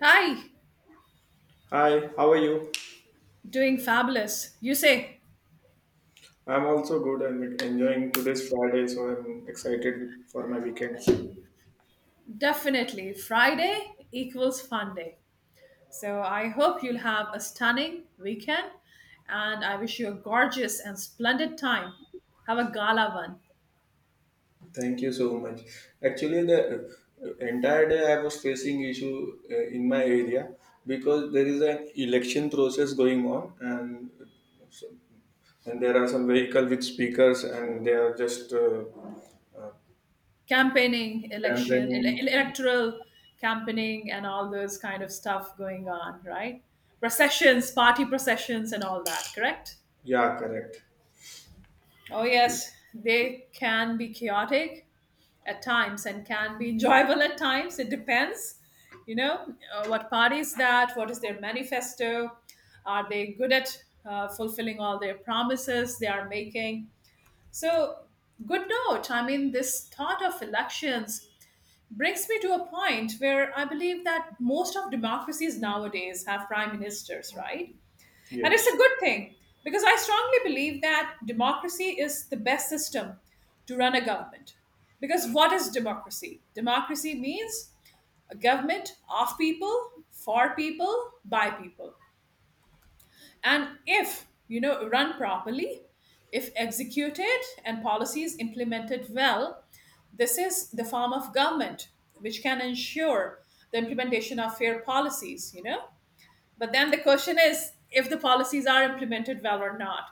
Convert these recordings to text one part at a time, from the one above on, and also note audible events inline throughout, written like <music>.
Hi, Hi, how are you? doing fabulous. You say I'm also good and, like, enjoying today's Friday, so I'm excited for my weekend. definitely Friday equals fun day. So I hope you'll have a stunning weekend and I wish you a gorgeous and splendid time. Have a gala one. Thank you so much. Actually, the entire day I was facing issue in my area because there is an election process going on, and there are some vehicle with speakers, and they are just Campaigning, election, campaigning. Electoral campaigning, and all those kind of stuff going on, right? Processions, party processions, and all that, correct? Yeah, correct. Oh, yes, they can be chaotic at times and can be enjoyable at times. It depends, what party is that? What is their manifesto? Are they good at fulfilling all their promises they are making? So, good note. I mean, this thought of elections brings me to a point where I believe that most of democracies nowadays have prime ministers, right? And it's a Yes. good thing because I strongly believe that democracy is the best system to run a government. Because what is democracy? Democracy means a government of people, for people, by people. And if, you know, run properly, if executed and policies implemented well, this is the form of government which can ensure the implementation of fair policies, you know, but then the question is if the policies are implemented well or not,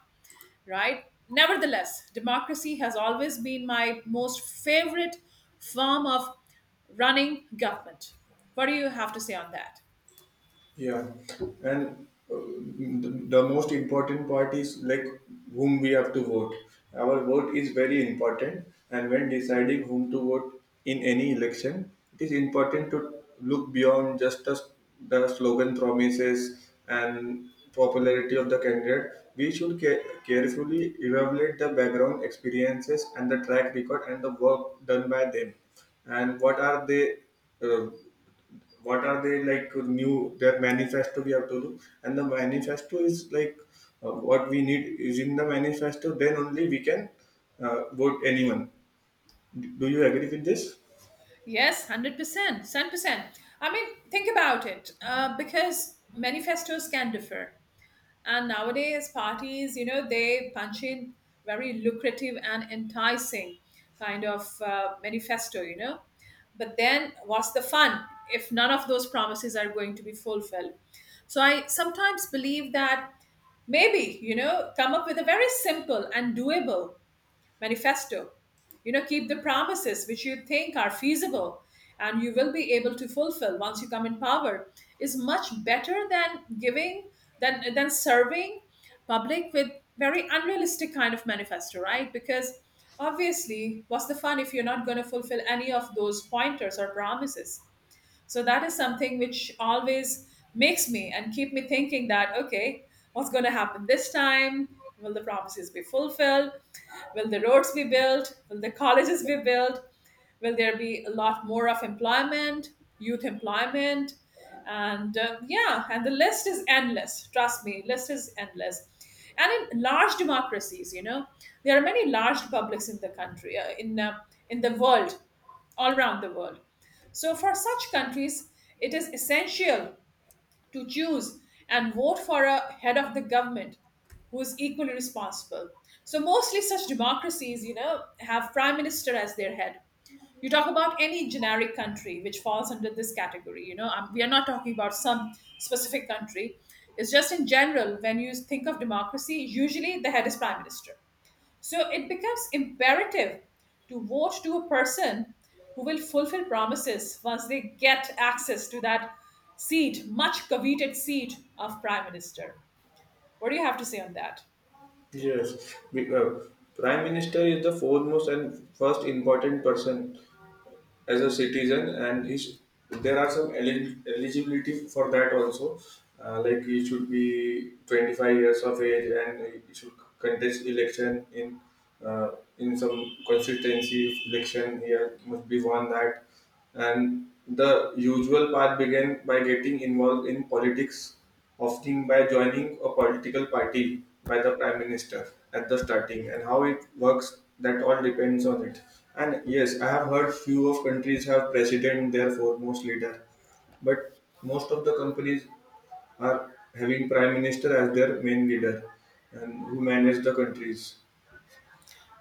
right? Nevertheless, democracy has always been my most favorite form of running government. What do you have to say on that? Yeah, and uh, the most important part is like whom we have to vote. Our vote is very important, and when deciding whom to vote in any election, it is important to look beyond just the slogan promises and popularity of the candidate. We should carefully evaluate the background experiences and the track record and the work done by them, and what are they. Uh, what are they like new their manifesto we have to do and the manifesto is like what we need is in the manifesto, then only we can vote anyone. Do you agree with this? Yes, 100%, 100%. I mean, think about it because manifestos can differ. And nowadays, parties, you know, they punch in very lucrative and enticing kind of manifesto, you know. But then, what's the fun if none of those promises are going to be fulfilled? So, I sometimes believe that maybe, you know, come up with a very simple and doable manifesto. You know, keep the promises which you think are feasible and you will be able to fulfill once you come in power is much better than giving than serving public with very unrealistic kind of manifesto, right? Because obviously, what's the fun if you're not going to fulfill any of those pointers or promises? So that is something which always makes me and keep me thinking that okay, what's going to happen this time? Will the promises be fulfilled? Will the roads be built? Will the colleges be built? Will there be a lot more of employment, youth employment? And yeah, and the list is endless. Trust me, list is endless. And in large democracies, you know, there are many large republics in the country, in the world, all around the world. So for such countries, it is essential to choose and vote for a head of the government who is equally responsible. So mostly such democracies, you know, have prime minister as their head. You talk about any generic country which falls under this category. You know, we are not talking about some specific country. It's just in general when you think of democracy, usually the head is prime minister. So it becomes imperative to vote to a person who will fulfill promises once they get access to that seat, much coveted seat of prime minister. What do you have to say on that? Yes. Prime minister is the foremost and first important person as a citizen, and he there are some eligibility for that also, like he should be 25 years of age and he should contest election uh, in some constituency election he must be won that. And the usual path began by getting involved in politics, often by joining a political party by the prime minister at the starting. And how it works, that all depends on it. And yes, I have heard few of countries have president their foremost leader, but most of the companies are having prime minister as their main leader and who manage the countries.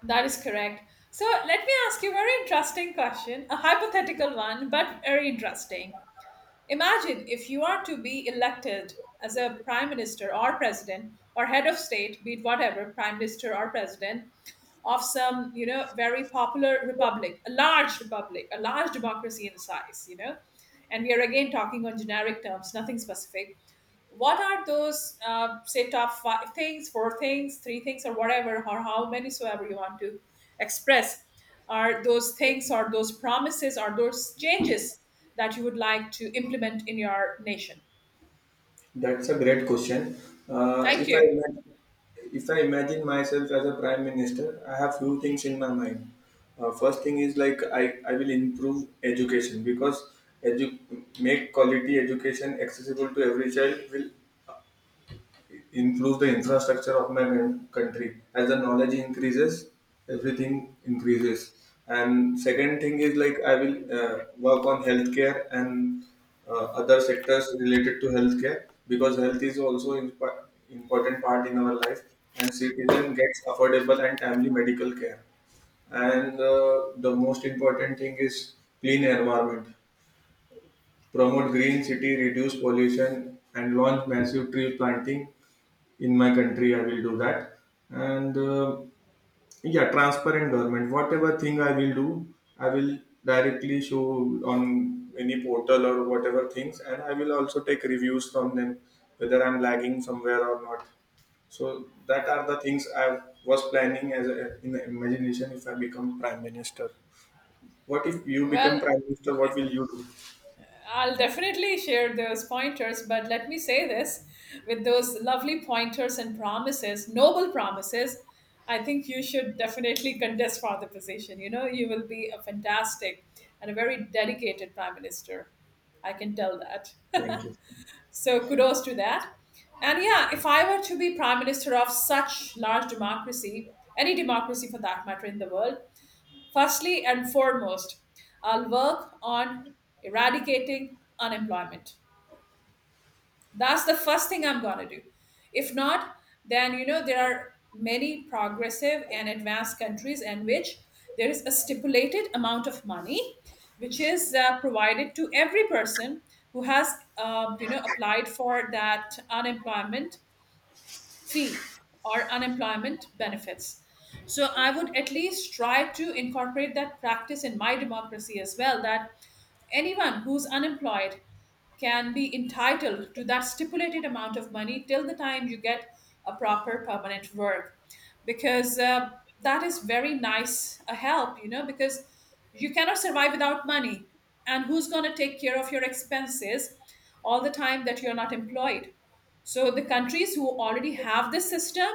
That is correct. So let me ask you a very interesting question, a hypothetical one, but very interesting. Imagine if you are to be elected as a prime minister or president or head of state, be it whatever, prime minister or president of some, you know, very popular republic, a large democracy in size, you know, and we are again talking on generic terms, nothing specific. What are those, say, top five things, four things, three things, or whatever, or how many soever you want to express are those things or those promises or those changes that you would like to implement in your nation? That's a great question. Uh, Thank if I you. imagine, if I imagine myself as a prime minister, I have few things in my mind. First thing is like I will improve education because edu- make quality education accessible to every child will improve the infrastructure of my country. As the knowledge increases, everything increases. And second thing is like I will work on healthcare and other sectors related to healthcare because health is also important part in our life and citizen gets affordable and timely medical care. And the most important thing is clean environment. Promote green city, reduce pollution, and launch massive tree planting in my country. I will do that. And yeah, transparent government, whatever thing I will do, I will directly show on any portal or whatever things, and I will also take reviews from them whether I'm lagging somewhere or not. So that are the things I was planning as a, in the imagination if I become prime minister. What if you Well, become prime minister, what will you do? I'll definitely share those pointers, but let me say this with those lovely pointers and promises, noble promises, I think you should definitely contest for the position. You know, you will be a fantastic and a very dedicated prime minister. I can tell that. Thank you. So kudos to that. And yeah, if I were to be prime minister of such large democracy, any democracy for that matter in the world, firstly and foremost, I'll work on eradicating unemployment. That's the first thing I'm going to do. If not, then you know there are many progressive and advanced countries in which there is a stipulated amount of money which is provided to every person who has you know applied for that unemployment fee or unemployment benefits. So I would at least try to incorporate that practice in my democracy as well that anyone who's unemployed can be entitled to that stipulated amount of money till the time you get a proper permanent work because that is very nice a help you know because you cannot survive without money and who's going to take care of your expenses all the time that you're not employed. So the countries who already have this system,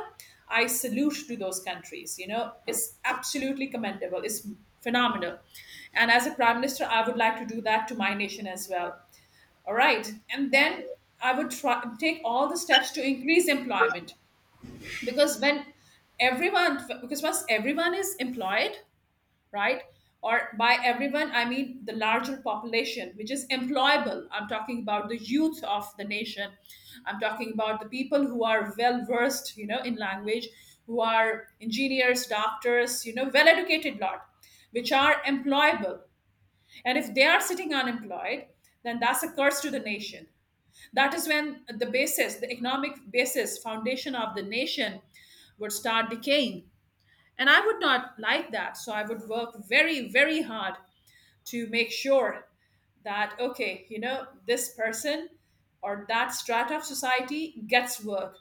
I salute to those countries. You know, it's absolutely commendable. It's phenomenal. And as a prime minister, I would like to do that to my nation as well. All right. And then I would try take all the steps to increase employment because when everyone because once everyone is employed, right? Or by everyone, I mean the larger population, which is employable. I'm talking about the youth of the nation. I'm talking about the people who are well versed, you know, in language, who are engineers, doctors, you know, well educated lot, which are employable. And if they are sitting unemployed, then that's a curse to the nation. That is when the basis, the economic basis, foundation of the nation would start decaying and I would not like that. So I would work very, very hard to make sure that, okay, you know, this person or that strata of society gets work.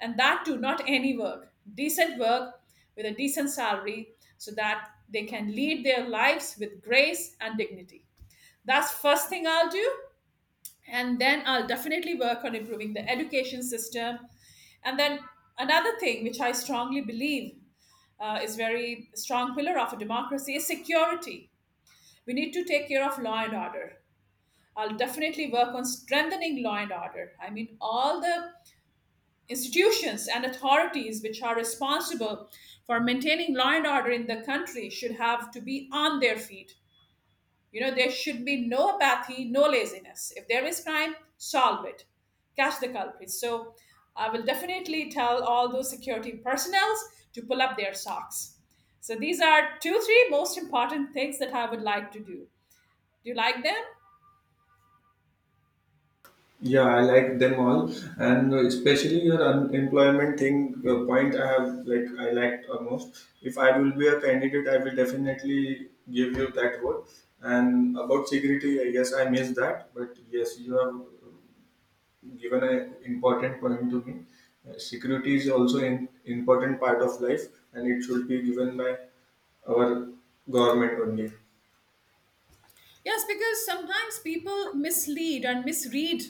And that too, not any work, decent work with a decent salary so that they can lead their lives with grace and dignity. That's first thing I'll do, and then I'll definitely work on improving the education system. And then another thing which I strongly believe is very strong pillar of a democracy is security. We need to take care of law and order. I'll definitely work on strengthening law and order. I mean all the institutions and authorities which are responsible for maintaining law and order in the country should have to be on their feet. You know, there should be no apathy, no laziness. If there is crime, solve it, catch the culprits. So I will definitely tell all those security personnels to pull up their socks. So these are two, three most important things that I would like to do. Do you like them? Yeah, I like them all, and especially your unemployment thing point. I have like I liked almost. If I will be a candidate, I will definitely give you that word. And about security, I guess I missed that, but yes, you have given an important point to me. Security is also an important part of life, and it should be given by our government only. Yes, because sometimes people mislead and misread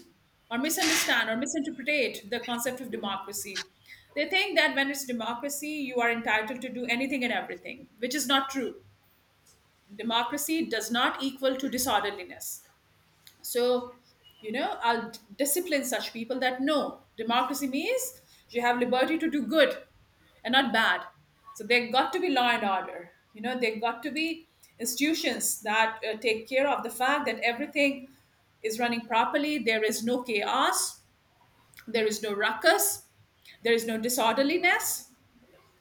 or misunderstand or misinterpret the concept of democracy. They think that when it's democracy, you are entitled to do anything and everything, which is not true. Democracy does not equal to disorderliness. So you know I'll discipline such people that no, democracy means you have liberty to do good and not bad. So they got to be law and order, you know, they got to be institutions that take care of the fact that everything is running properly, there is no chaos, there is no ruckus, there is no disorderliness,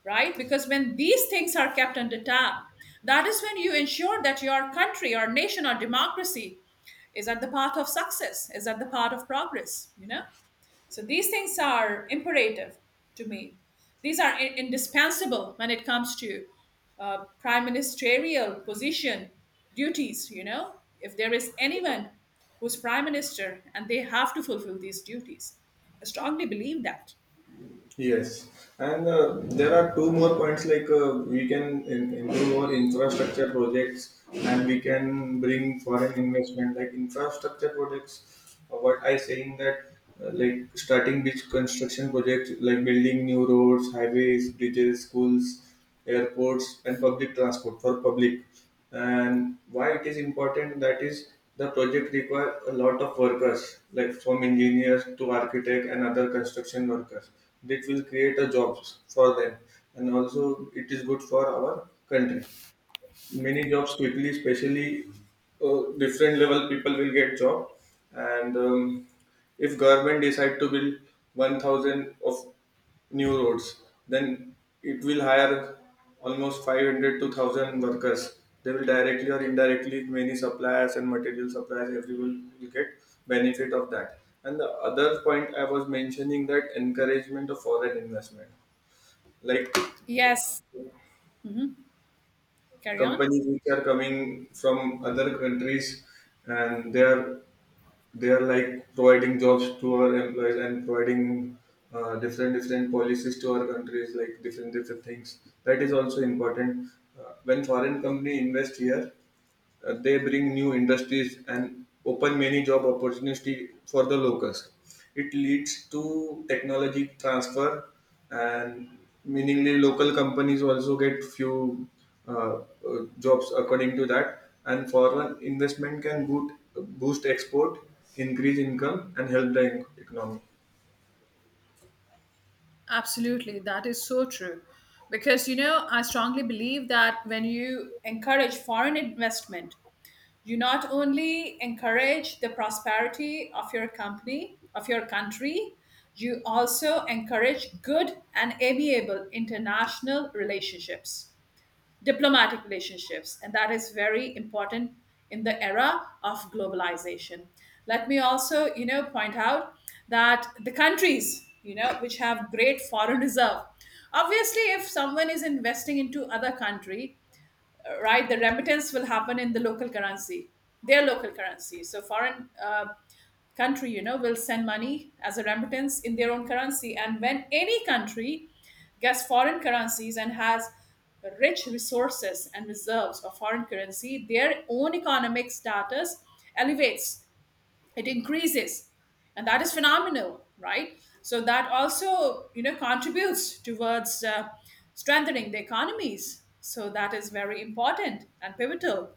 right? Because when these things are kept under tab, that is when you ensure that your country or nation or democracy is at the path of success, is at the path of progress, you know? So these things are imperative to me. These are indispensable when it comes to prime ministerial position duties, you know? If there is anyone who's prime minister and they have to fulfill these duties, I strongly believe that. Yes, and there are two more points like, we can improve our infrastructure projects, and we can bring foreign investment like infrastructure projects. What I saying that, like starting big construction projects like building new roads, highways, bridges, schools, airports, and public transport for public. And why it is important, that is the project require a lot of workers, like from engineers to architect and other construction workers. That will create a jobs for them, and also it is good for our country. Many jobs quickly, especially different level people will get job. And if government decide to build 1000 of new roads, then it will hire almost 500 to 1000 workers. They will directly or indirectly, many suppliers and material suppliers, everyone will get benefit of that. And the other point I was mentioning, that encouragement of foreign investment, like Yes. Hmm. Carry on. companies which are coming from other countries, and they are like providing jobs to our employees and providing different different policies to our countries like different different things. That is also important. When foreign company invest here, they bring new industries and open many job opportunities for the locals. It leads to technology transfer, and meaningly local companies also get few uh, uh, jobs according to that. And foreign investment can boost export, increase income, and help the economy. Absolutely, that is so true. Because, you know, I strongly believe that when you encourage foreign investment, you not only encourage the prosperity of your company, of your country, you also encourage good and amiable international relationships, diplomatic relationships, and that is very important in the era of globalization. Let me also, you know, point out that the countries, you know, which have great foreign reserve, obviously, if someone is investing into other country, right? The remittance will happen in the local currency, their local currency. So foreign country, you know, will send money as a remittance in their own currency. And when any country gets foreign currencies and has rich resources and reserves of foreign currency, their own economic status elevates, it increases, and that is phenomenal, right? So that also, you know, contributes towards strengthening the economies. So that is very important and pivotal.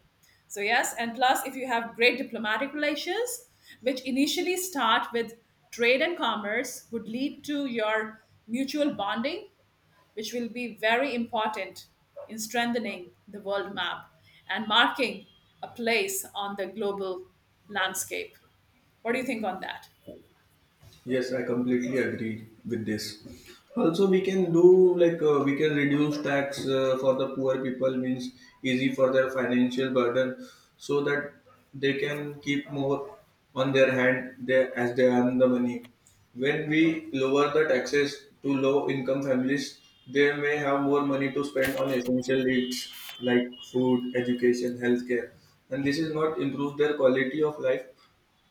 So yes, and plus if you have great diplomatic relations which initially start with trade and commerce would lead to your mutual bonding which will be very important in strengthening the world map and marking a place on the global landscape. What do you think on that? Yes, I completely agree with this. Also, we can do like, we can reduce tax for the poor people, means easy for their financial burden, so that they can keep more on their hand they, as they earn the money. When we lower the taxes to low income families, they may have more money to spend on essential needs like food, education, healthcare, and this is not improve their quality of life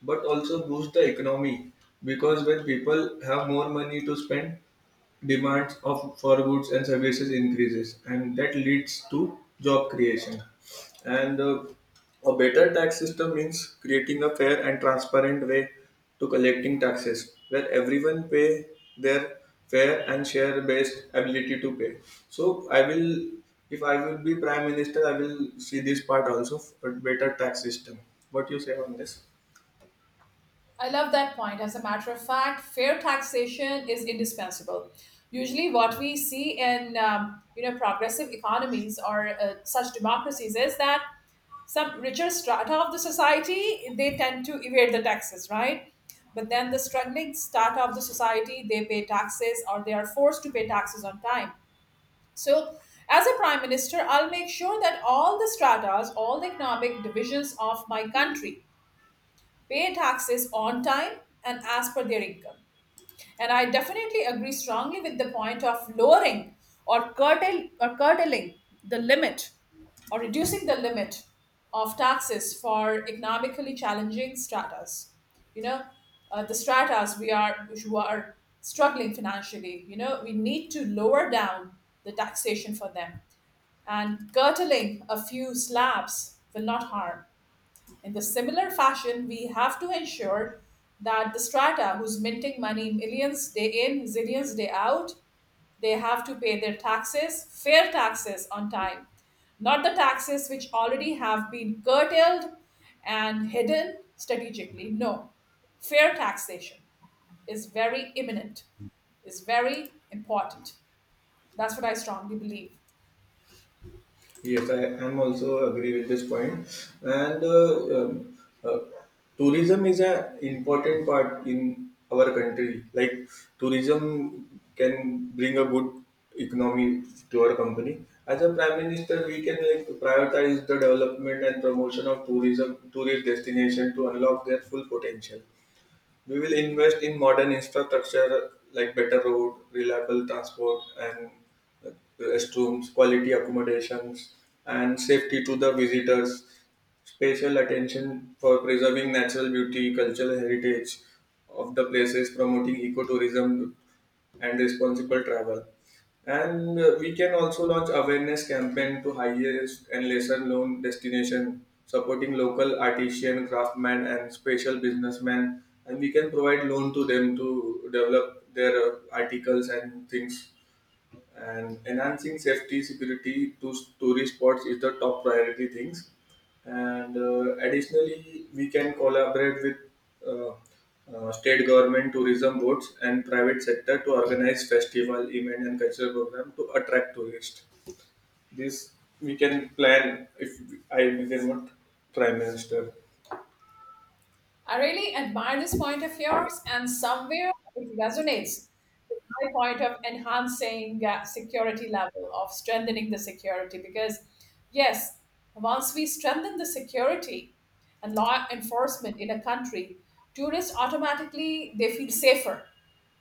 but also boost the economy, because when people have more money to spend, demands of for goods and services increases, and that leads to job creation. And a better tax system means creating a fair and transparent way to collecting taxes where everyone pay their fair and share based ability to pay. So I will, if I will be prime minister, I will see this part also, a better tax system. What you say on this? I love that point. As a matter of fact, fair taxation is indispensable. Usually, what we see in you know, progressive economies or such democracies is that some richer strata of the society, they tend to evade the taxes, right? But then the struggling strata of the society, they pay taxes or they are forced to pay taxes on time. So, as a prime minister, I'll make sure that all the stratas, all the economic divisions of my country pay taxes on time and as per their income. And I definitely agree strongly with the point of lowering or curtail or curtailing the limit or reducing the limit of taxes for economically challenging stratas. You know, the stratas we are who are struggling financially. You know, we need to lower down the taxation for them, and curtailing a few slabs will not harm. In the similar fashion, we have to ensure that the strata who's minting money millions day in, zillions day out, they have to pay their taxes, fair taxes on time, not the taxes which already have been curtailed and hidden strategically. No, fair taxation is very imminent, is very important. That's what I strongly believe. Yes, I am also agree with this point. And tourism is an important part in our country. Like tourism can bring a good economy to our company. As a prime minister, we can like prioritize the development and promotion of tourism, tourist destination to unlock their full potential. We will invest in modern infrastructure like better road, reliable transport, and uh, restrooms, quality accommodations, and safety to the visitors. Special attention for preserving natural beauty, cultural heritage of the places, promoting ecotourism, and responsible travel. And we can also launch awareness campaign to highest and lesser known destination, supporting local artisan, craftsmen, and special businessmen. And we can provide loan to them to develop their articles and things. And enhancing safety security to tourist spots is the top priority things. And additionally we can collaborate with uh, state government tourism boards and private sector to organize festival event and cultural program to attract tourists. This we can plan. If I visit, what prime minister? I really admire this point of yours, and somewhere it resonates with my point of enhancing security level, of strengthening the security. Because, yes, once we strengthen the security and law enforcement in a country, tourists automatically, they feel safer,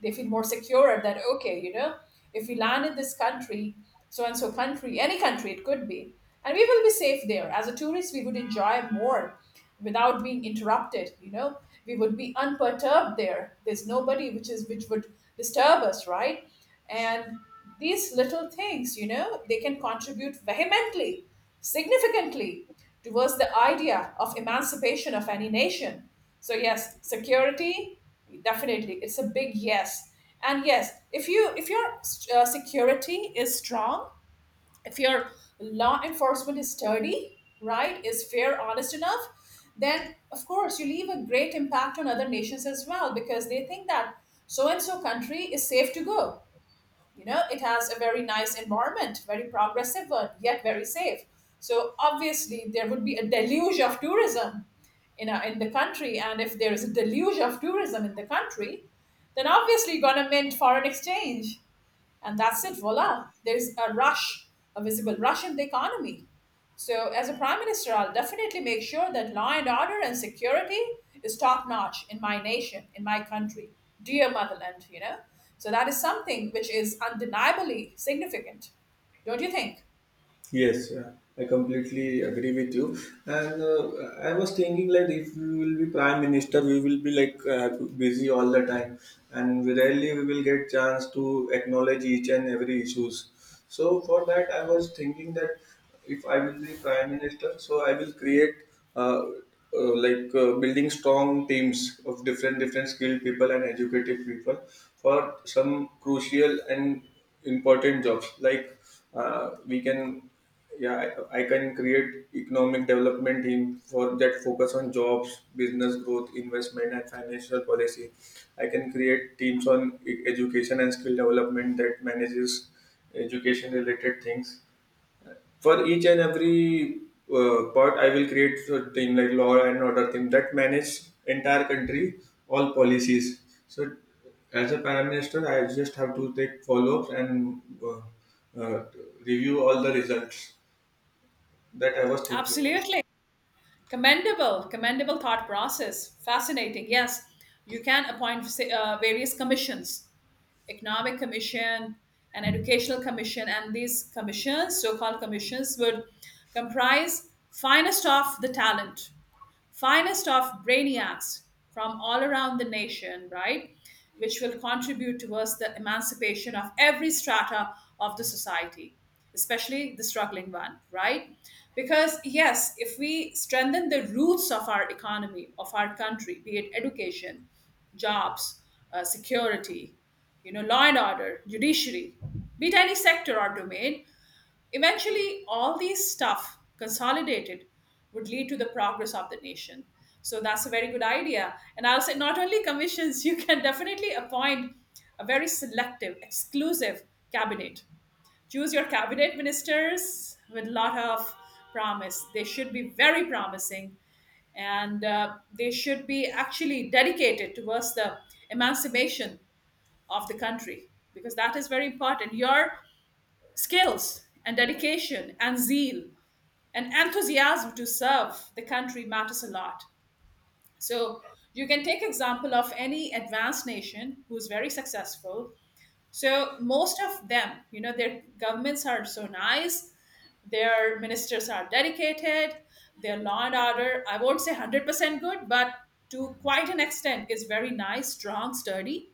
they feel more secure that okay, you know, if we land in this country, so and so country, any country it could be, and we will be safe there. As a tourist, we would enjoy more without being interrupted, you know, we would be unperturbed there, there's nobody which would disturb us, right? And these little things, you know, they can contribute vehemently, significantly towards the idea of emancipation of any nation. So yes, security, definitely it's a big yes. And yes, if you if your security is strong, if your law enforcement is sturdy, right, is fair, honest enough, then of course you leave a great impact on other nations as well, because they think that so and so country is safe to go, you know, it has a very nice environment, very progressive one, yet very safe. So obviously, there would be a deluge of tourism in the country, and if there is a deluge of tourism in the country, then obviously going to mint foreign exchange. And that's it, voila, there's a rush, a visible rush in the economy. So as a prime minister, I'll definitely make sure that law and order and security is top notch in my nation, in my country, dear motherland, you know. So that is something which is undeniably significant, don't you think? Yes, I completely agree with you. And I was thinking, like, if we will be prime minister, we will be like busy all the time, and we rarely we will get chance to acknowledge each and every issues. So for that, I was thinking that if I will be prime minister, so I will create uh, like, building strong teams of different different skilled people and educated people for some crucial and important jobs. Like, we can, yeah, I can create economic development team for that, focus on jobs, business growth, investment, and financial policy. I can create teams on education and skill development that manages education related things. For each and every part, I will create a thing like law and order thing that manage entire country, all policies. So as a prime minister, I just have to take follow-ups and uh, uh, review all the results that I was thinking of. Absolutely. Commendable, commendable thought process. Fascinating. Yes, you can appoint various commissions, economic commission and educational commission, and these commissions, so-called commissions, would comprise finest of the talent, finest of brainiacs from all around the nation, right? Which will contribute towards the emancipation of every strata of the society, especially the struggling one, right? Because, yes, if we strengthen the roots of our economy, of our country, be it education, jobs, security, you know, law and order, judiciary, be it any sector or domain, eventually, all these stuff consolidated would lead to the progress of the nation. So that's a very good idea. And I'll say not only commissions, <laughs> you can definitely appoint a very selective, exclusive cabinet. Choose your cabinet ministers with a lot of promise. They should be very promising and they should be actually dedicated towards the emancipation of the country, because that is very important. Your skills and dedication and zeal and enthusiasm to serve the country matters a lot. So you can take example of any advanced nation who's very successful. So most of them, you know, their governments are so nice, their ministers are dedicated, their law and order, I won't say 100% good, but to quite an extent is very nice, strong, sturdy.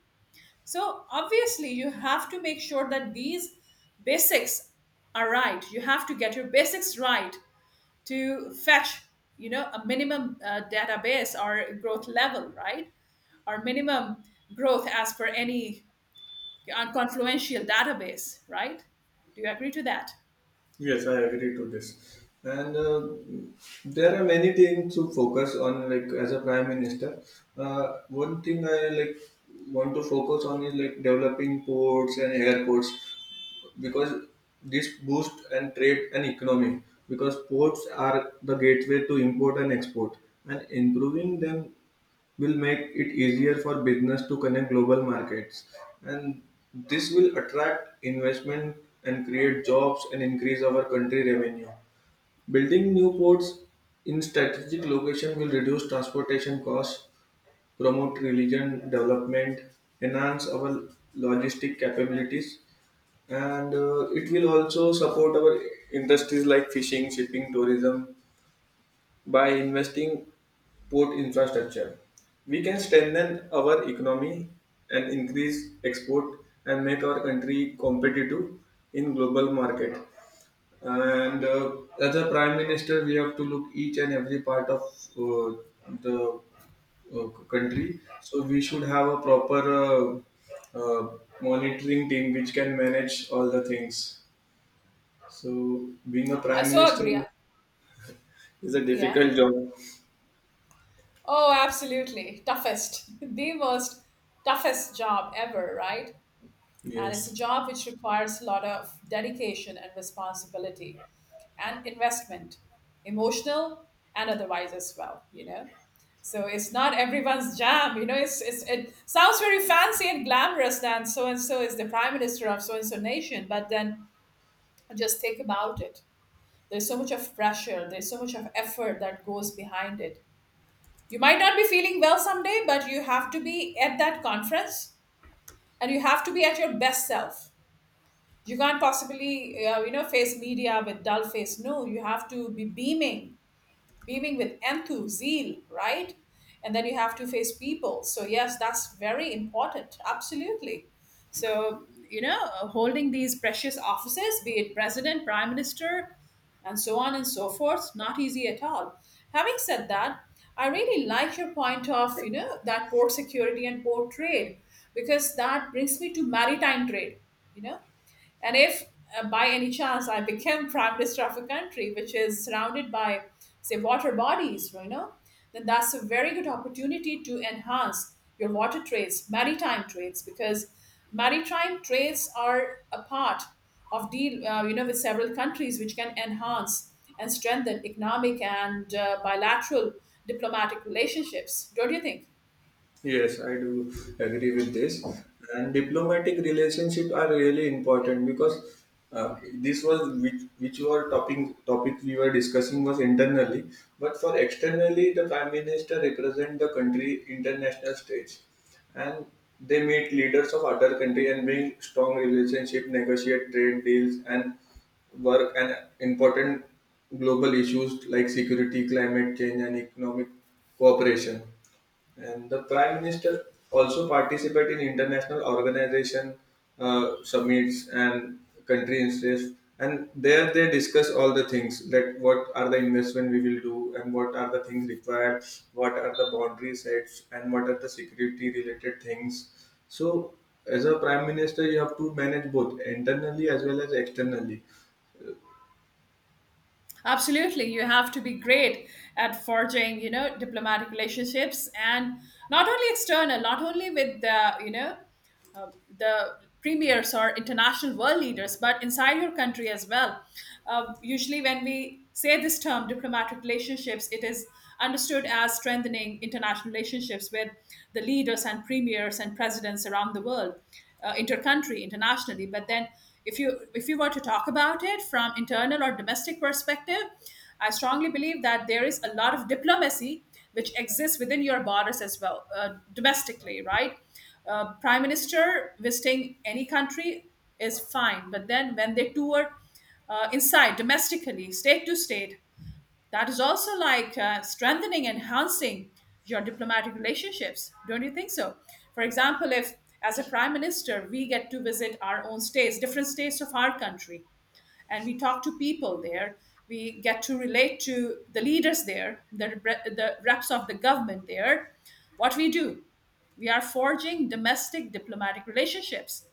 So obviously, you have to make sure that these basics are right. You have to get your basics right to fetch, you know, a minimum database or growth level, right? Or minimum growth as per any confluential database, right? Do you agree to that? Yes, I agree to this. And there are many things to focus on, like as a prime minister, one thing I like want to focus on is like developing ports and airports, because this boosts and trade and economy, because ports are the gateway to import and export, and improving them will make it easier for business to connect global markets, and this will attract investment and create jobs and increase our country revenue. Building new ports in strategic location will reduce transportation costs, promote religion development, enhance our logistic capabilities. And it will also support our industries like fishing, shipping, tourism. By investing port infrastructure, we can strengthen our economy and increase export and make our country competitive in global market. And as a prime minister, we have to look each and every part of uh, the country. So we should have a proper monitoring team which can manage all the things. So being a I prime so agree. minister is a Yeah. difficult job. Oh, absolutely. Toughest. <laughs> The most toughest job ever, right? And it's a Yes. job which requires a lot of dedication and responsibility and investment, emotional and otherwise as well, you know. So it's not everyone's jam, you know, it's it sounds very fancy and glamorous that so and so is the prime minister of so and so nation, but then just think about it, there's so much of pressure, there's so much of effort that goes behind it. You might not be feeling well someday, but you have to be at that conference, and you have to be at your best self. You can't possibly, you know, face media with dull face. No, you have to be beaming, beaming with enthu, zeal, right? And then you have to face people. So yes, that's very important. Absolutely. So you know, holding these precious offices, be it president, prime minister, and so on and so forth, not easy at all. Having said that, I really like your point of, you know, that port security and port trade, because that brings me to maritime trade, you know. And if by any chance I became prime minister of a country which is surrounded by, say, water bodies, you know, then that's a very good opportunity to enhance your water trades, maritime trades, because maritime trades are a part of deal, you know, with several countries, which can enhance and strengthen economic and bilateral diplomatic relationships. Don't you think? Yes, I do agree with this. And diplomatic relationship are really important because, this was which were topic we were discussing was internally, but for externally, the prime minister represent the country international stage, and they meet leaders of other country and build strong relationship, negotiate trade deals, and work and important global issues like security, climate change, and economic cooperation. And the Prime Minister also participates in international organization summits and country interest. And there they discuss all the things like what are the investment we will do and what are the things required, what are the boundary sets and what are the security related things. So as a prime minister, you have to manage both internally as well as externally. Absolutely. You have to be great at forging, you know, diplomatic relationships, and not only external, not only with the, you know, uh, the premiers or international world leaders, but inside your country as well. Usually, when we say this term, diplomatic relationships, it is understood as strengthening international relationships with the leaders and premiers and presidents around the world, intercountry, internationally. But then, if you were to talk about it from internal or domestic perspective, I strongly believe that there is a lot of diplomacy which exists within your borders as well, domestically, right? Uh, prime minister visiting any country is fine, but then when they tour inside domestically, state to state, that is also like strengthening, enhancing your diplomatic relationships. Don't you think so? For example, if as a prime minister we get to visit our own states, different states of our country, and we talk to people there. We get to relate to the leaders there, the reps of the government there. What we do, we are forging domestic diplomatic relationships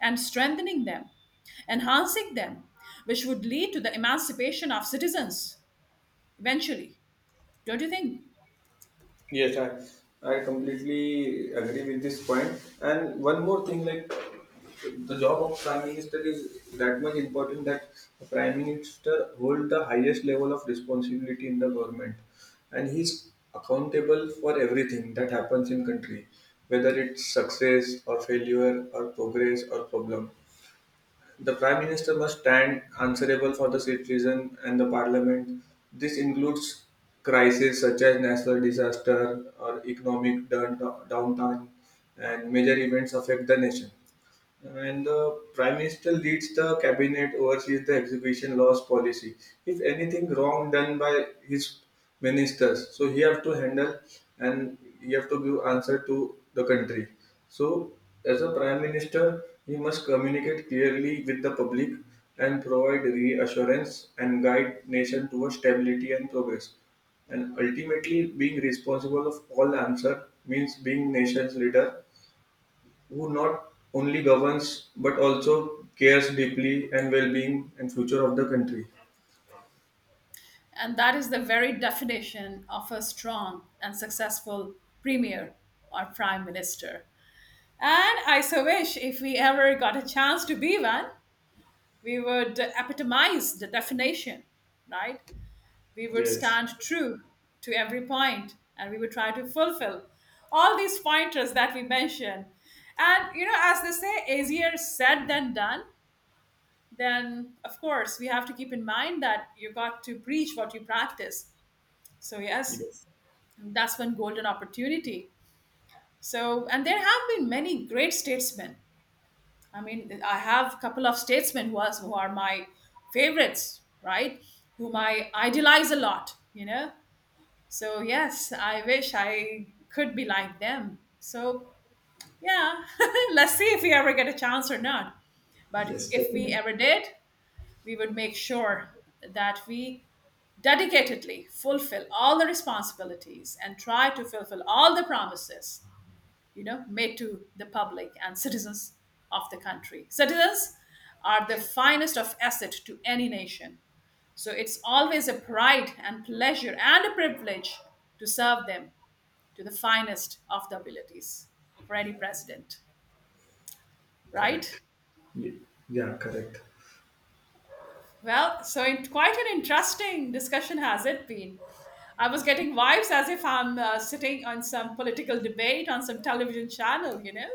and strengthening them, enhancing them, which would lead to the emancipation of citizens eventually, don't you think? Yes, I completely agree with this point. And one more thing, like the job of prime minister is that much important that the prime minister hold the highest level of responsibility in the government, and he's accountable for everything that happens in country, whether it's success or failure or progress or problem. The Prime Minister must stand answerable for the citizen and the Parliament. This includes crises such as national disaster or economic downtime, and major events affect the nation. And the prime minister leads the cabinet, oversees the execution laws policy. If anything wrong done by his ministers, so he have to handle and he have to give answer to the country. So as a prime minister, he must communicate clearly with the public and provide reassurance and guide nation towards stability and progress. And ultimately being responsible of all answer means being nation's leader who not only governs but also cares deeply and well-being and future of the country. And that is the very definition of a strong and successful premier or prime minister. And I so wish, if we ever got a chance to be one, we would epitomize the definition, right? We would Yes. stand true to every point, and we would try to fulfill all these pointers that we mentioned. And, you know, as they say, easier said than done, then of course we have to keep in mind that you got to preach what you practice. So yes, Yes. that's one golden opportunity. So, and there have been many great statesmen. I mean, I have a couple of statesmen who are my favorites, right? Whom I idolize a lot, you know. So yes, I wish I could be like them. So yeah, <laughs> let's see if we ever get a chance or not. But Yes, if we correct. ever did, we would make sure that we dedicatedly fulfill all the responsibilities and try to fulfill all the promises, you know, made to the public and citizens of the country. Citizens are the finest of asset to any nation, so it's always a pride and pleasure and a privilege to serve them to the finest of the abilities, for any president, right? Correct. Ye- Yeah, correct. Well, so in, quite an interesting discussion has it been. I was getting vibes as if I'm sitting on some political debate on some television channel, you know.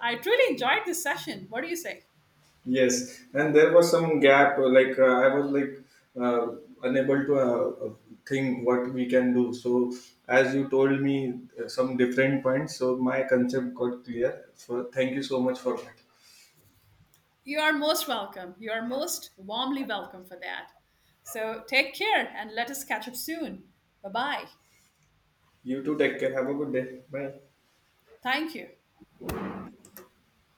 I truly enjoyed this session. What do you say? Yes. And there was some gap. Like, I was like uh, unable to think what we can do. So as you told me some different points, so my concept got clear. So thank you so much for that. You are most welcome. You are most warmly welcome for that. So take care and let us catch up soon. Bye bye. You too. Take care. Have a good day. Bye. Thank you.